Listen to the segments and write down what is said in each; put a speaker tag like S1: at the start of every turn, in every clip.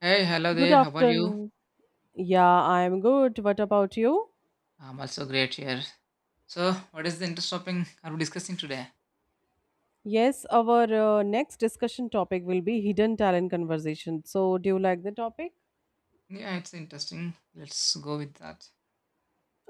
S1: Hey, hello
S2: Good
S1: there. How are you?
S2: afternoon. Yeah, I'm good. What about you?
S1: I'm also great here. So, what is the interest topic are we discussing today?
S2: Yes, our next discussion topic will be hidden talent conversation. So, do you like the topic?
S1: Yeah, it's interesting. Let's go with that.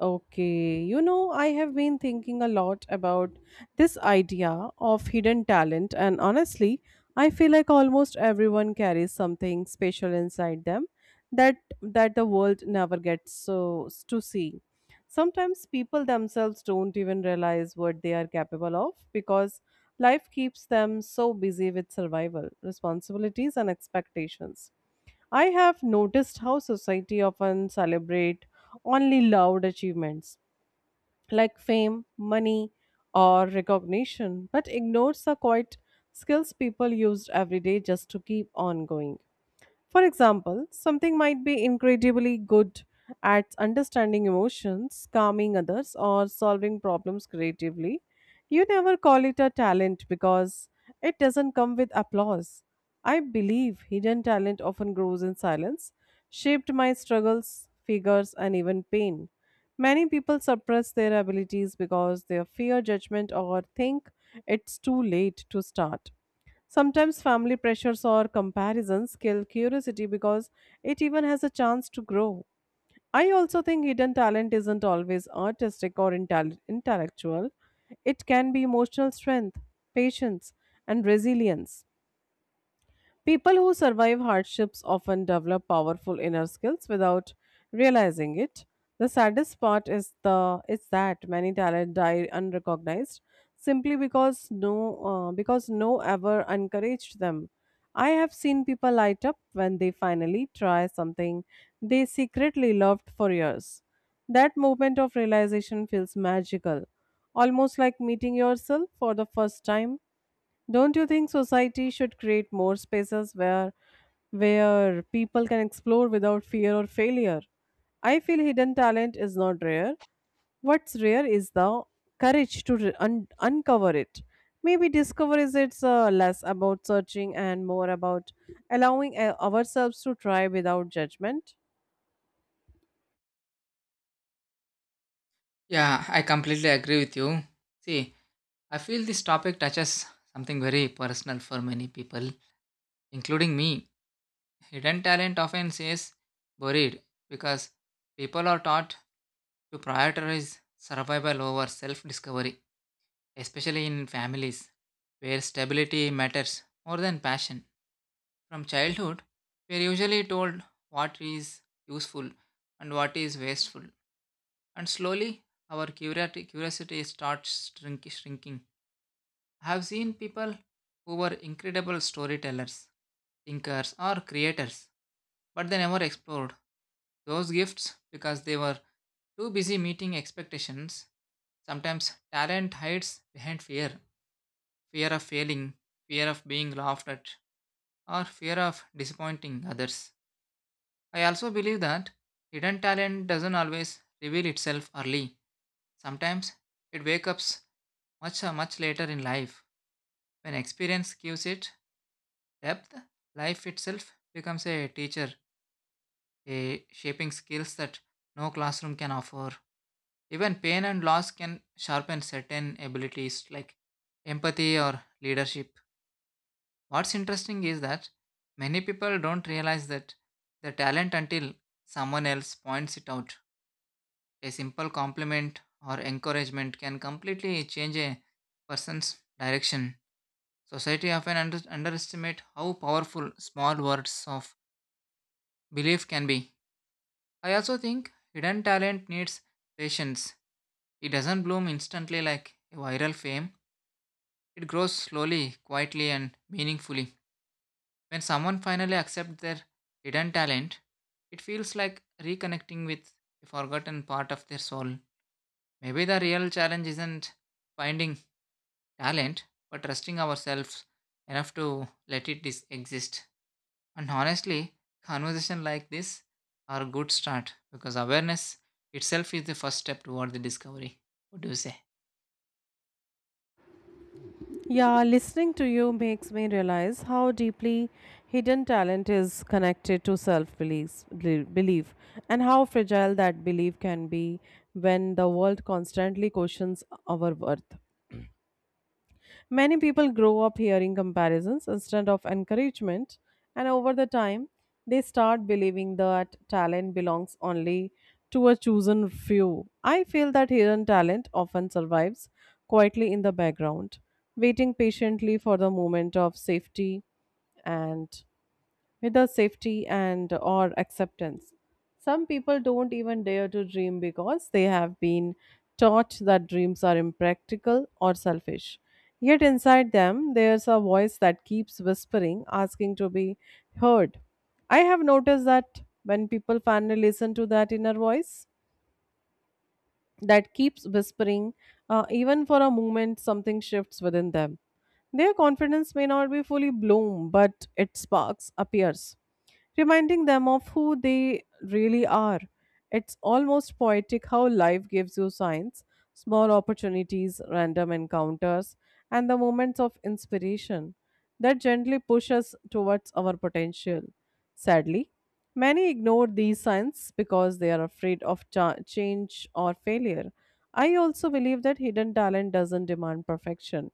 S2: Okay, you know, I have been thinking a lot about this idea of hidden talent, and honestly, I feel like almost everyone carries something special inside them that the world never gets so to see. Sometimes people themselves don't even realize what they are capable of because life keeps them so busy with survival, responsibilities, and expectations. I have noticed how society often celebrate only loud achievements like fame, money, or recognition, but ignores the quiet skills people used every day just to keep on going. For example, something might be incredibly good at understanding emotions, calming others, or solving problems creatively. You never call it a talent because it doesn't come with applause. I believe hidden talent often grows in silence, shaped my struggles, figures, and even pain. Many people suppress their abilities because they fear judgment or think it's too late to start. Sometimes family pressures or comparisons kill curiosity because it even has a chance to grow. I also think hidden talent isn't always artistic or intellectual. It can be emotional strength, patience, and resilience. People who survive hardships often develop powerful inner skills without realizing it. The saddest part is the is that many talent die unrecognized simply because because no ever encouraged them. I have seen people light up when they finally try something they secretly loved for years. That moment of realization feels magical, almost like meeting yourself for the first time. Don't you think society should create more spaces where people can explore without fear or failure? I feel hidden talent is not rare. What's rare is the courage to uncover it. Maybe discover is it's less about searching and more about allowing ourselves to try without judgment.
S1: Yeah, I completely agree with you. See, I feel this topic touches something very personal for many people, including me. Hidden talent often says buried because people are taught to prioritize survival over self discovery, especially in families where stability matters more than passion. From childhood, we are usually told what is useful and what is wasteful, and slowly our curiosity starts shrinking. I have seen people who were incredible storytellers, thinkers, or creators, but they never explored those gifts because they were too busy meeting expectations. Sometimes talent hides behind fear fear of failing, fear of being laughed at, or fear of disappointing others. I also believe that hidden talent doesn't always reveal itself early. Sometimes it wakes up much later in life. When experience gives it depth, life itself becomes a teacher, a shaping skills that no classroom can offer. Even pain and loss can sharpen certain abilities like empathy or leadership. What's interesting is that many people don't realize that the talent until someone else points it out. A simple compliment or encouragement can completely change a person's direction. Society often underestimate how powerful small words of belief can be. I also think hidden talent needs patience. It doesn't bloom instantly like a viral fame. It grows slowly, quietly and meaningfully. When someone finally accepts their hidden talent, it feels like reconnecting with a forgotten part of their soul. Maybe the real challenge isn't finding talent, but trusting ourselves enough to let it exist. And honestly, conversation like this are a good start because awareness itself is the first step toward the discovery. What do you say?
S2: Yeah, listening to you makes me realize how deeply hidden talent is connected to self belief and how fragile that belief can be when the world constantly questions our worth. Many people grow up hearing comparisons instead of encouragement, and over the time, they start believing that talent belongs only to a chosen few. I feel that hidden talent often survives quietly in the background, waiting patiently for the moment of safety and without safety and or acceptance, some people don't even dare to dream because they have been taught that dreams are impractical or selfish. Yet inside them there's a voice that keeps whispering, asking to be heard. I have noticed that when people finally listen to that inner voice that keeps whispering, even for a moment, something shifts within them. Their confidence may not be fully blown, but it sparks, appears, reminding them of who they really are. It's almost poetic how life gives you signs, small opportunities, random encounters, and the moments of inspiration that gently push us towards our potential. Sadly, many ignore these signs because they are afraid of change or failure. I also believe that hidden talent doesn't demand perfection,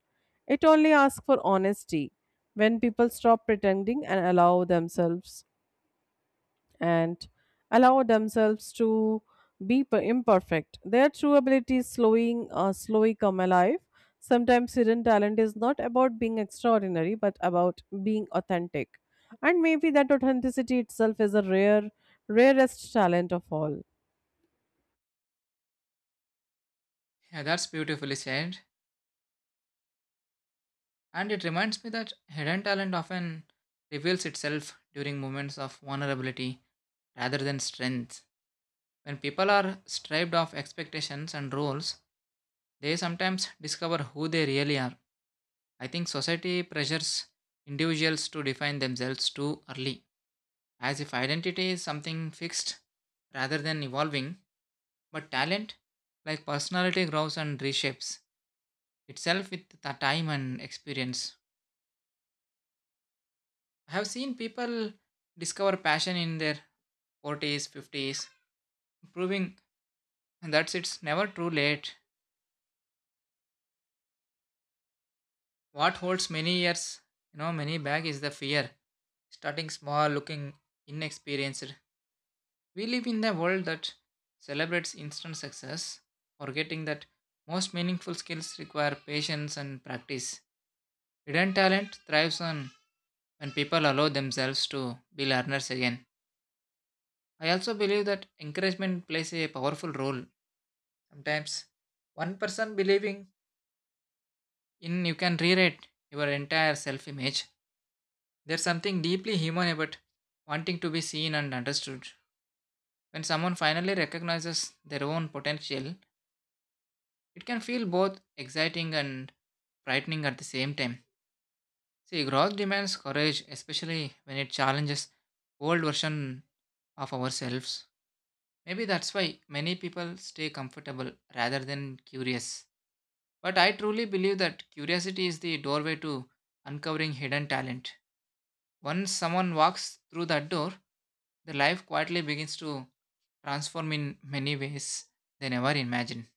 S2: it only asks for honesty. When people stop pretending and and allow themselves to be imperfect. Their true ability is slowly come alive. Sometimes hidden talent is not about being extraordinary, but about being authentic. And maybe that authenticity itself is rarest talent of all.
S1: Yeah, that's beautifully said. And it reminds me that hidden talent often reveals itself during moments of vulnerability rather than strength. When people are stripped of expectations and roles, they sometimes discover who they really are. I think society pressures individuals to define themselves too early, as if identity is something fixed rather than evolving. But talent, like personality, grows and reshapes itself with the time and experience. I have seen people discover passion in their 40s, 50s, proving that it's never too late. What holds many years, you know, many back is the fear starting small, looking inexperienced. We live in a world that celebrates instant success, forgetting that most meaningful skills require patience and practice. Hidden talent thrives on when people allow themselves to be learners again. I also believe that encouragement plays a powerful role. Sometimes, one person believing in you can rewrite your entire self image. There's something deeply human about wanting to be seen and understood. When someone finally recognizes their own potential, it can feel both exciting and frightening at the same time. See, growth demands courage, especially when it challenges old version of ourselves. Maybe that's why many people stay comfortable rather than curious. But I truly believe that curiosity is the doorway to uncovering hidden talent. Once someone walks through that door, their life quietly begins to transform in many ways they never imagined.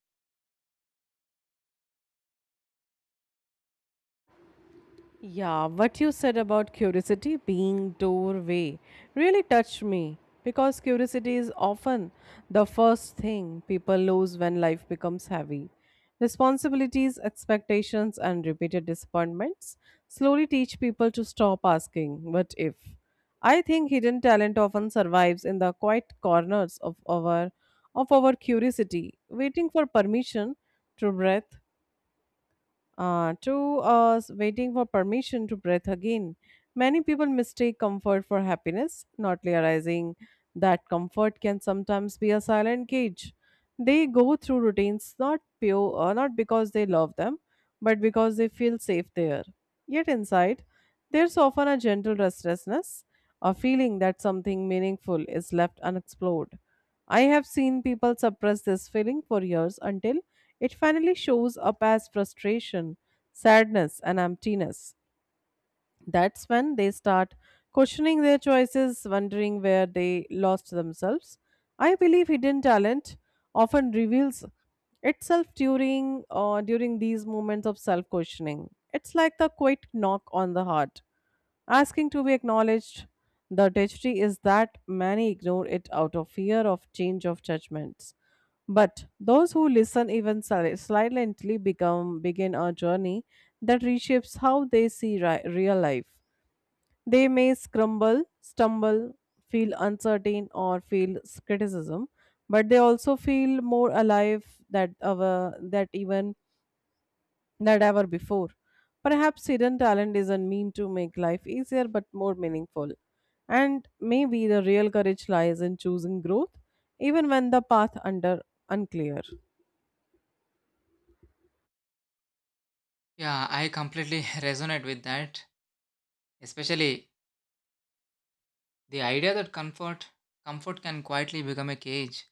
S2: Yeah, what you said about curiosity being doorway really touched me because curiosity is often the first thing people lose when life becomes heavy. Responsibilities, expectations, and repeated disappointments slowly teach people to stop asking, what if? I think hidden talent often survives in the quiet corners of our curiosity, waiting for permission to breathe to us waiting for permission to breathe again. Many people mistake comfort for happiness, not realizing that comfort can sometimes be a silent cage. They go through routines not because they love them, but because they feel safe there. Yet inside, there's often a gentle restlessness, a feeling that something meaningful is left unexplored. I have seen people suppress this feeling for years until it finally shows up as frustration, sadness, and emptiness. That's when they start questioning their choices, wondering where they lost themselves. I believe hidden talent often reveals itself during these moments of self questioning. It's like the quiet knock on the heart, asking to be acknowledged. The tragedy is that many ignore it out of fear of change of judgments. But those who listen even silently become begin a journey that reshapes how they see real life. They may scramble, stumble, feel uncertain, or feel criticism, but they also feel more alive that ever that even that ever before. Perhaps hidden talent isn't mean to make life easier, but more meaningful. And maybe the real courage lies in choosing growth, even when the path under unclear.
S1: Yeah, I completely resonate with that, especially the idea that comfort can quietly become a cage.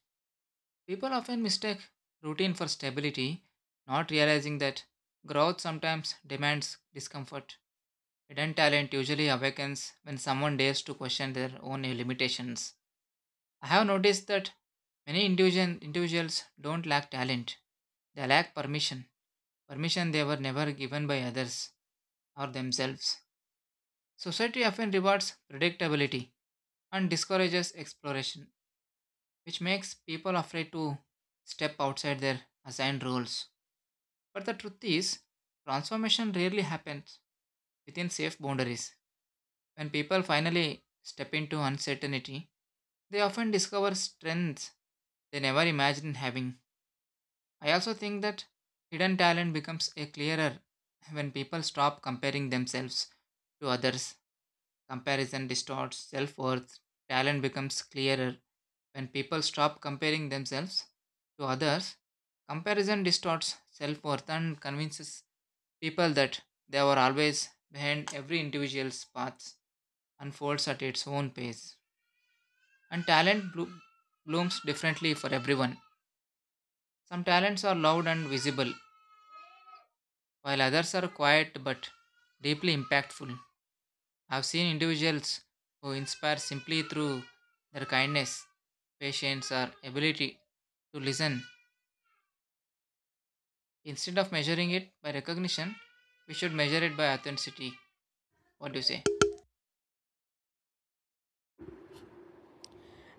S1: People often mistake routine for stability, not realizing that growth sometimes demands discomfort. Hidden talent usually awakens when someone dares to question their own limitations. I have noticed that individuals don't lack talent. They lack permission. Permission they were never given by others or themselves. Society often rewards predictability and discourages exploration, which makes people afraid to step outside their assigned roles. But the truth is, transformation rarely happens within safe boundaries. When people finally step into uncertainty, they often discover strengths they never imagined having. I also think that hidden talent becomes a clearer when people stop comparing themselves to others. Comparison distorts self worth. Talent becomes clearer when people stop comparing themselves to others. Comparison distorts self worth and convinces people that they were always behind every individual's path unfolds at its own pace. And talent blooms differently for everyone. Some talents are loud and visible, while others are quiet but deeply impactful. I've seen individuals who inspire simply through their kindness, patience, or ability to listen. Instead of measuring it by recognition, we should measure it by authenticity. What do you say?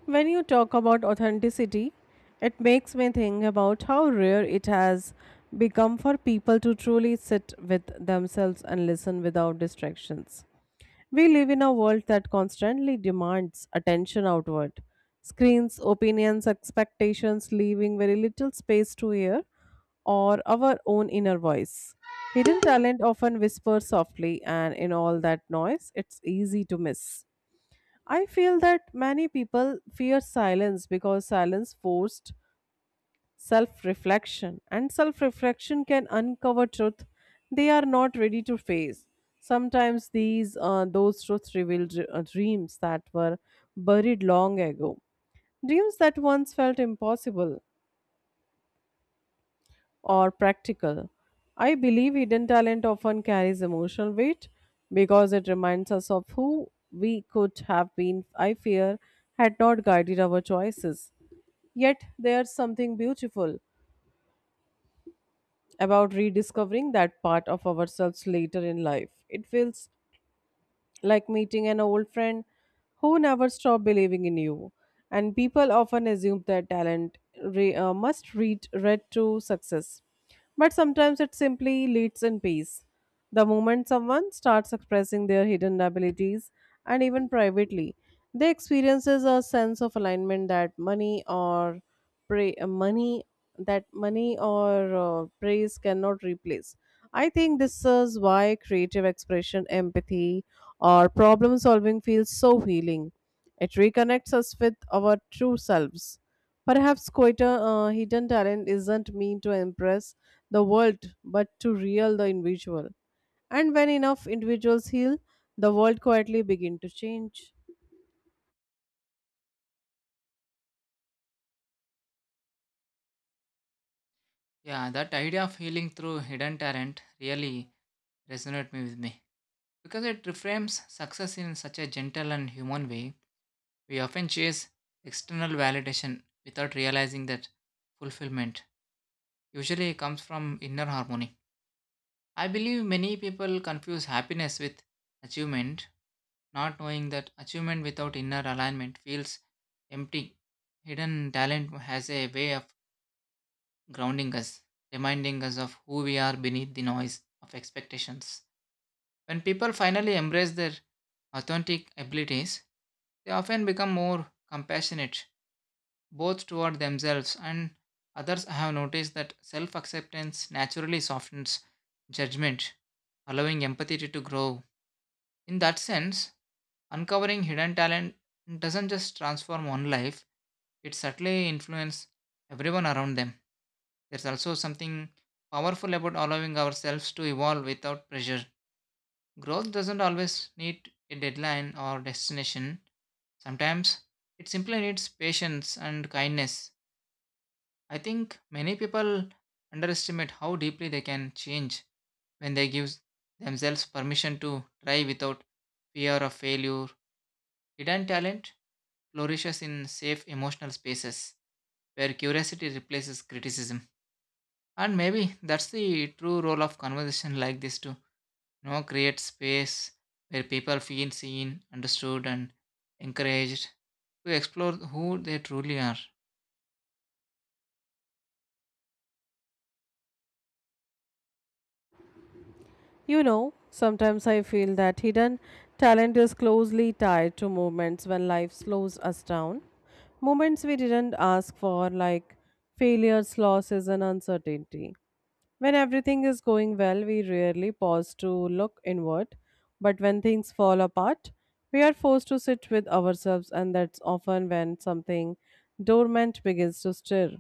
S2: When you talk about authenticity, it makes me think about how rare it has become for people to truly sit with themselves and listen without distractions. We live in a world that constantly demands attention outward. Screens, opinions, expectations, leaving very little space to hear or our own inner voice. Hidden talent often whispers softly, and in all that noise, it's easy to miss. I feel that many people fear silence because silence forced self reflection, and self reflection can uncover truth they are not ready to face. Sometimes these those truths reveal dreams that were buried long ago, dreams that once felt impossible. Or practical. I believe hidden talent often carries emotional weight because it reminds us of who we could have been, I fear, had not guided our choices. Yet there's something beautiful about rediscovering that part of ourselves later in life. It feels like meeting an old friend who never stopped believing in you. And people often assume that talent read to success. But sometimes it simply leads in peace. The moment someone starts expressing their hidden abilities, and even privately, they experiences a sense of alignment that money or pray, money that money or praise cannot replace. I think this is why creative expression, empathy, or problem solving feels so healing. It reconnects us with our true selves. Perhaps quieter hidden talent isn't meant to impress the world, but to real the individual. And when enough individuals heal, the world quietly begin to change.
S1: Yeah, that idea of healing through hidden talent really resonated me with me. Because it reframes success in such a gentle and human way, we often chase external validation without realizing that fulfillment usually comes from inner harmony. I believe many people confuse happiness with achievement, not knowing that achievement without inner alignment feels empty. Hidden talent has a way of grounding us, reminding us of who we are beneath the noise of expectations. When people finally embrace their authentic abilities, they often become more compassionate, both toward themselves and others. I have noticed that self acceptance naturally softens judgment, allowing empathy to grow. In that sense, uncovering hidden talent doesn't just transform one life, it subtly influences everyone around them. There's also something powerful about allowing ourselves to evolve without pressure. Growth doesn't always need a deadline or destination. Sometimes it simply needs patience and kindness. I think many people underestimate how deeply they can change when they give themselves permission to try without fear of failure. Hidden talent flourishes in safe emotional spaces where curiosity replaces criticism. And maybe that's the true role of conversation like this to create space where people feel seen, understood, and encouraged to explore who they truly are.
S2: You know, sometimes I feel that hidden talent is closely tied to moments when life slows us down. Moments we didn't ask for, like failures, losses, and uncertainty. When everything is going well, we rarely pause to look inward. But when things fall apart, we are forced to sit with ourselves, and that's often when something dormant begins to stir.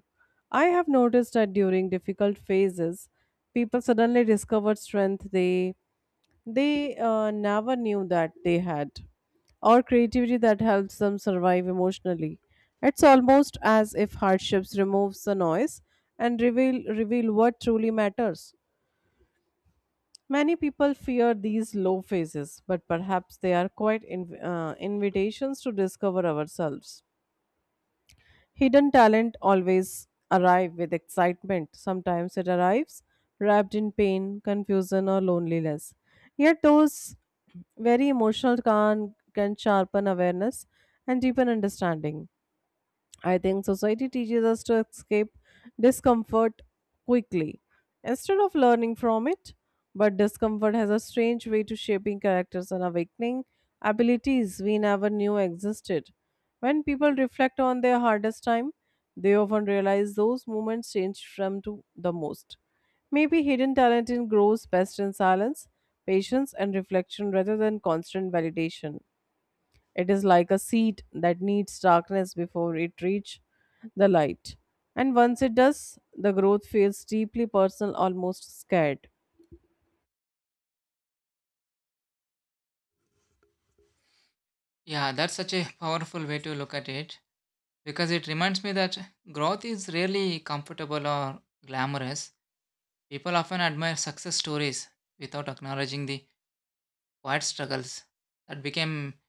S2: I have noticed that during difficult phases, people suddenly discover strength they never knew that they had, or creativity that helps them survive emotionally. It's almost as if hardships removes the noise and reveal what truly matters. Many people fear these low phases, but perhaps they are quite invitations to discover ourselves. Hidden talent always arrive with excitement. Sometimes it arrives wrapped in pain, confusion, or loneliness. Yet those very emotional can sharpen awareness and deepen understanding. I think society teaches us to escape discomfort quickly instead of learning from it. But discomfort has a strange way to shaping characters and awakening abilities we never knew existed. When people reflect on their hardest time, they often realize those moments changed them to the most. Maybe hidden talent in grows best in silence, patience, and reflection rather than constant validation. It is like a seed that needs darkness before it reach the light. And once it does, the growth feels deeply personal, almost scared.
S1: Yeah, that's such a powerful way to look at it, because it reminds me that growth is rarely comfortable or glamorous. People often admire success stories without acknowledging the quiet struggles that became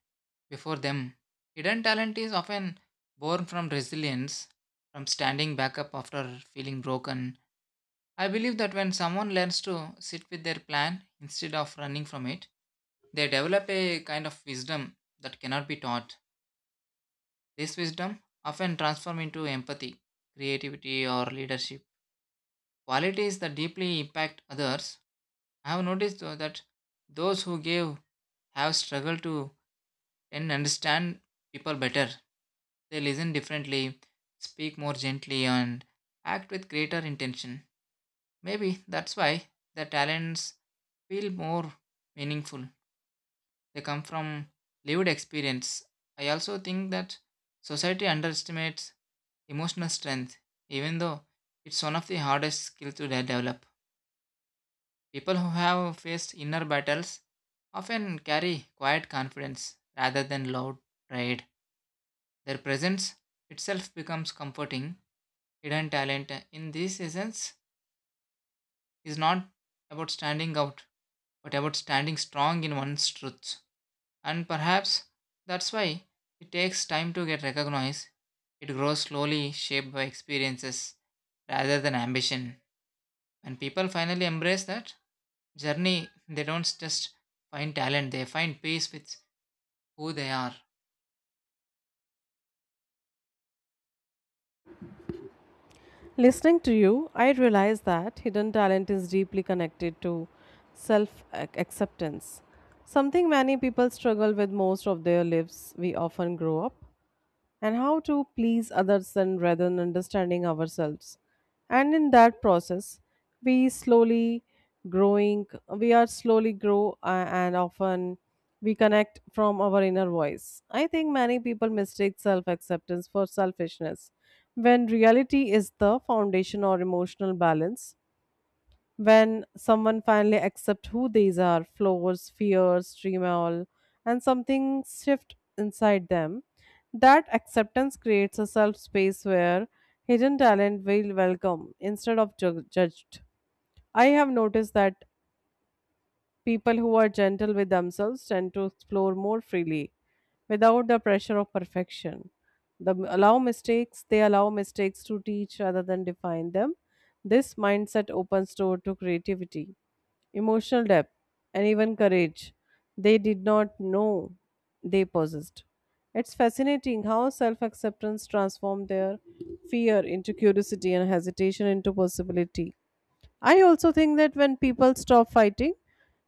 S1: before them. Hidden talent is often born from resilience, from standing back up after feeling broken. I believe that when someone learns to sit with their plan instead of running from it, they develop a kind of wisdom that cannot be taught. This wisdom often transforms into empathy, creativity, or leadership qualities that deeply impact others. I have noticed though that those who give have struggled to and understand people better. They listen differently, speak more gently, and act with greater intention. Maybe that's why their talents feel more meaningful. They come from lived experience. I also think that society underestimates emotional strength, even though it's one of the hardest skills to develop. People who have faced inner battles often carry quiet confidence rather than loud pride. Their presence itself becomes comforting. Hidden talent in this essence is not about standing out, but about standing strong in one's truths. And perhaps that's why it takes time to get recognized. It grows slowly, shaped by experiences rather than ambition. When people finally embrace that, journey they don't just find talent they find peace with who they are.
S2: Listening to you, I realize that hidden talent is deeply connected to self acceptance, something many people struggle with most of their lives. We often grow up and how to please others and rather than understanding ourselves. And in that process, we slowly we are slowly grow and often we connect from our inner voice. I think many people mistake self acceptance for selfishness when reality is the foundation or emotional balance. When someone finally accepts who they are, flaws, fears, dream, all, and something shift inside them. That acceptance creates a self space where hidden talent will welcome instead of judged. I have noticed that people who are gentle with themselves tend to explore more freely without the pressure of perfection. The allow mistakes, they allow mistakes to teach rather than define them. This mindset opens door to creativity, emotional depth, and even courage they did not know they possessed. It's fascinating how self acceptance transformed their fear into curiosity and hesitation into possibility. I also think that when people stop fighting,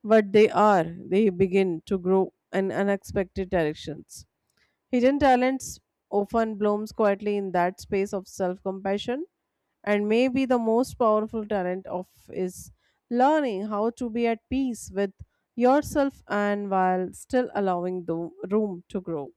S2: what they are, they begin to grow in unexpected directions. Hidden talents often blooms quietly in that space of self-compassion, and maybe the most powerful talent of is learning how to be at peace with yourself and while still allowing the room to grow.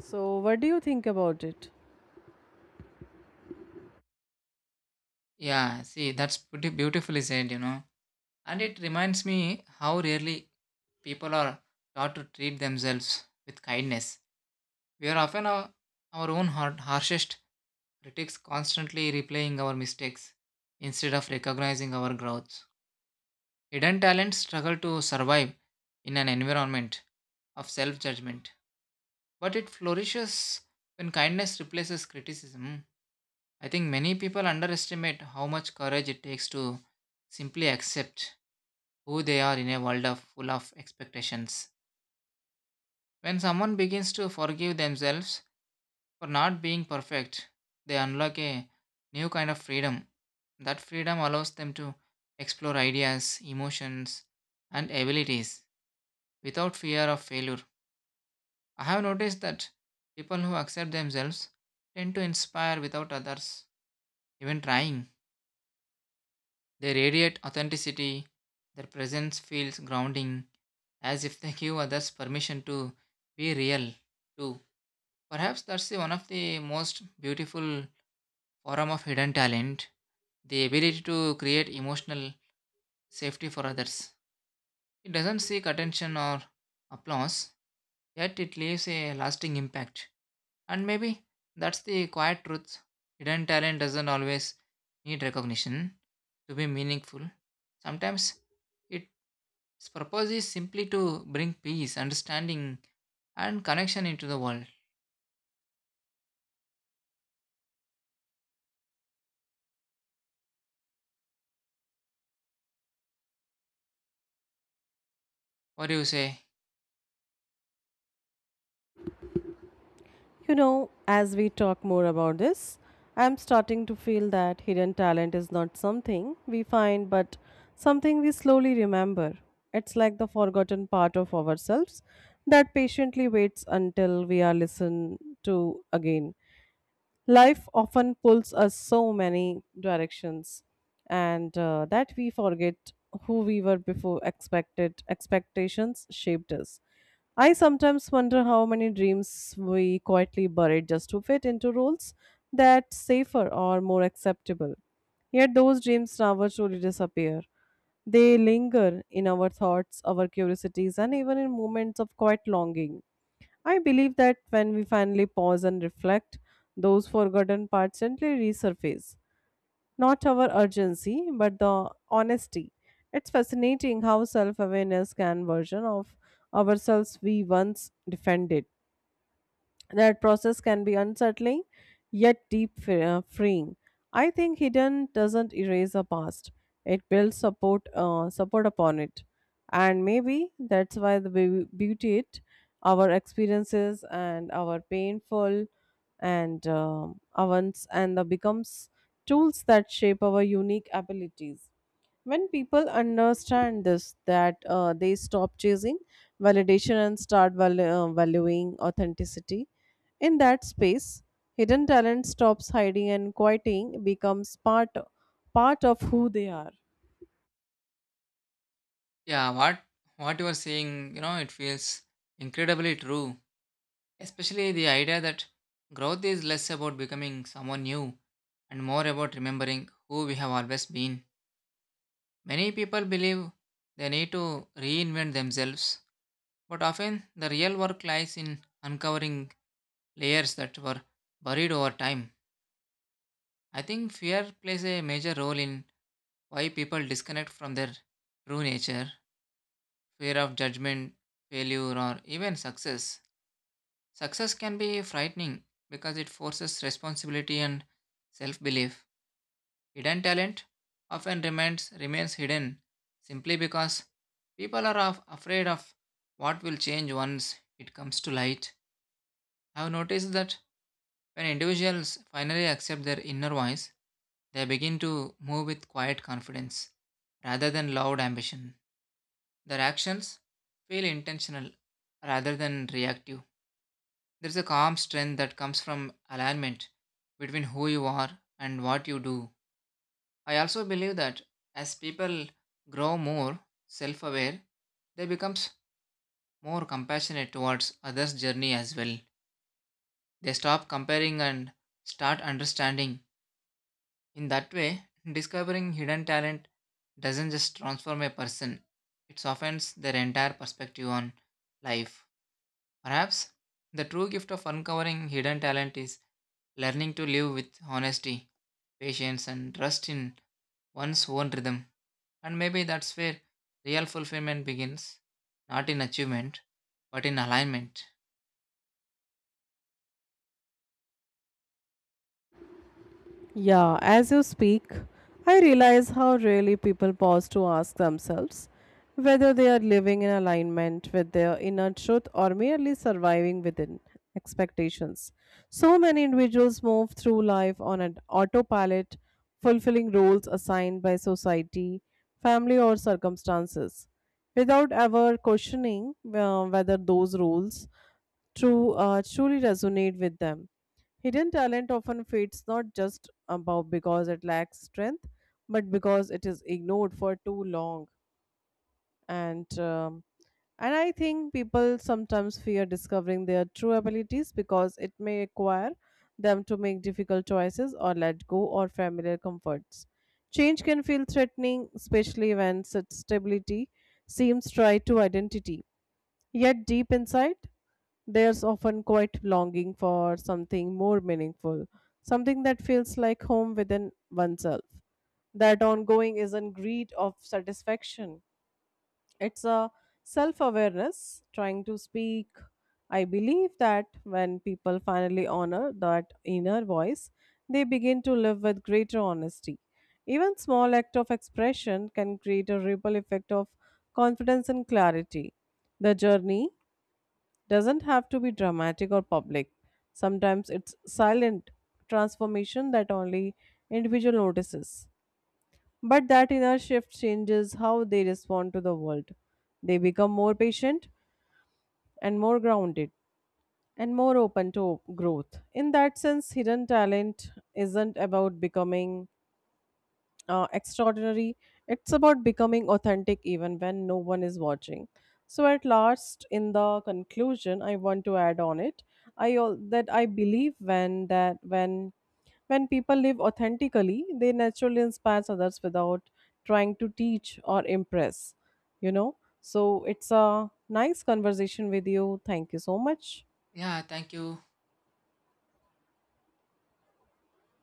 S2: So, what do you think about it?
S1: Yeah, see, that's pretty beautifully said, you know, and it reminds me how rarely people are taught to treat themselves with kindness. We are often our own harshest critics, constantly replaying our mistakes instead of recognizing our growth. Hidden talents struggle to survive in an environment of self-judgment, but it flourishes when kindness replaces criticism. I think many people underestimate how much courage it takes to simply accept who they are in a world of full of expectations. When someone begins to forgive themselves for not being perfect, they unlock a new kind of freedom. That freedom allows them to explore ideas, emotions, and abilities without fear of failure. I have noticed that people who accept themselves tend to inspire without others even trying. They radiate authenticity, their presence feels grounding, as if they give others permission to be real too. Perhaps that's the one of the most beautiful form of hidden talent, the ability to create emotional safety for others. It doesn't seek attention or applause, yet it leaves a lasting impact. And maybe that's the quiet truth. Hidden talent doesn't always need recognition to be meaningful. Sometimes it its purpose is simply to bring peace, understanding, and connection into the world. What do you say?
S2: You know, as we talk more about this, I'm starting to feel that hidden talent is not something we find, but something we slowly remember. It's like the forgotten part of ourselves that patiently waits until we are listened to again. Life often pulls us so many directions, and that we forget who we were before expected expectations shaped us. I sometimes wonder how many dreams we quietly buried just to fit into roles that safer or more acceptable. Yet those dreams never truly disappear. They linger in our thoughts, our curiosities, and even in moments of quiet longing. I believe that when we finally pause and reflect, those forgotten parts gently resurface. Not our urgency, but the honesty. It's fascinating how self awareness can version of ourselves we once defended. That process can be unsettling, yet deep fre- freeing. I think hidden doesn't erase the past; it builds support upon it, and maybe that's why the beauty it our experiences and our painful and events and the becomes tools that shape our unique abilities when people understand this that they stop chasing validation and start valuing authenticity in that space hidden talent stops hiding and quieting becomes part of who they are.
S1: Yeah, what you are saying, you know, it feels incredibly true. Especially the idea that growth is less about becoming someone new and more about remembering who we have always been. Many people believe they need to reinvent themselves, but often the real work lies in uncovering layers that were buried over time. I think fear plays a major role in why people disconnect from their true nature, fear of judgment, failure, or even success. Success can be frightening because it forces responsibility and self belief. Hidden talent often remains hidden simply because people are afraid of what will change once it comes to light. I have noticed that when individuals finally accept their inner voice, they begin to move with quiet confidence rather than loud ambition. Their actions feel intentional rather than reactive. There's a calm strength that comes from alignment between who you are and what you do. I also believe that as people grow more self aware, they become more compassionate towards others' journey as well. They stop comparing and start understanding. In that way, discovering hidden talent doesn't just transform a person, it softens their entire perspective on life. Perhaps the true gift of uncovering hidden talent is learning to live with honesty, patience, and trust in one's own rhythm. And maybe that's where real fulfillment begins, not in achievement, but in alignment.
S2: Yeah, as you speak, I realize how rarely people pause to ask themselves whether they are living in alignment with their inner truth or merely surviving within expectations. So many individuals move through life on an autopilot, fulfilling roles assigned by society, family, or circumstances, without ever questioning whether those roles truly resonate with them. Hidden talent often fades not just about because it lacks strength, but because it is ignored for too long. And um, and I think people sometimes fear discovering their true abilities because it may require them to make difficult choices or let go or familiar comforts. Change can feel threatening, especially when such stability seems tied to identity. Yet deep inside, there's often quite longing for something more meaningful, something that feels like home within oneself. That ongoing isn't greed of satisfaction, it's a self awareness trying to speak. I believe that when people finally honor that inner voice, they begin to live with greater honesty. Even small act of expression can create a ripple effect of confidence and clarity. The journey doesn't have to be dramatic or public. Sometimes it's silent transformation that only individual notices. But that inner shift changes how they respond to the world. They become more patient and more grounded and more open to growth. In that sense, hidden talent isn't about becoming extraordinary. It's about becoming authentic even when no one is watching. So at last, in the conclusion, I want to add on it. I all that I believe when that when people live authentically, they naturally inspire others without trying to teach or impress. You know. So it's a nice conversation with you. Thank you so much.
S1: Yeah, thank you.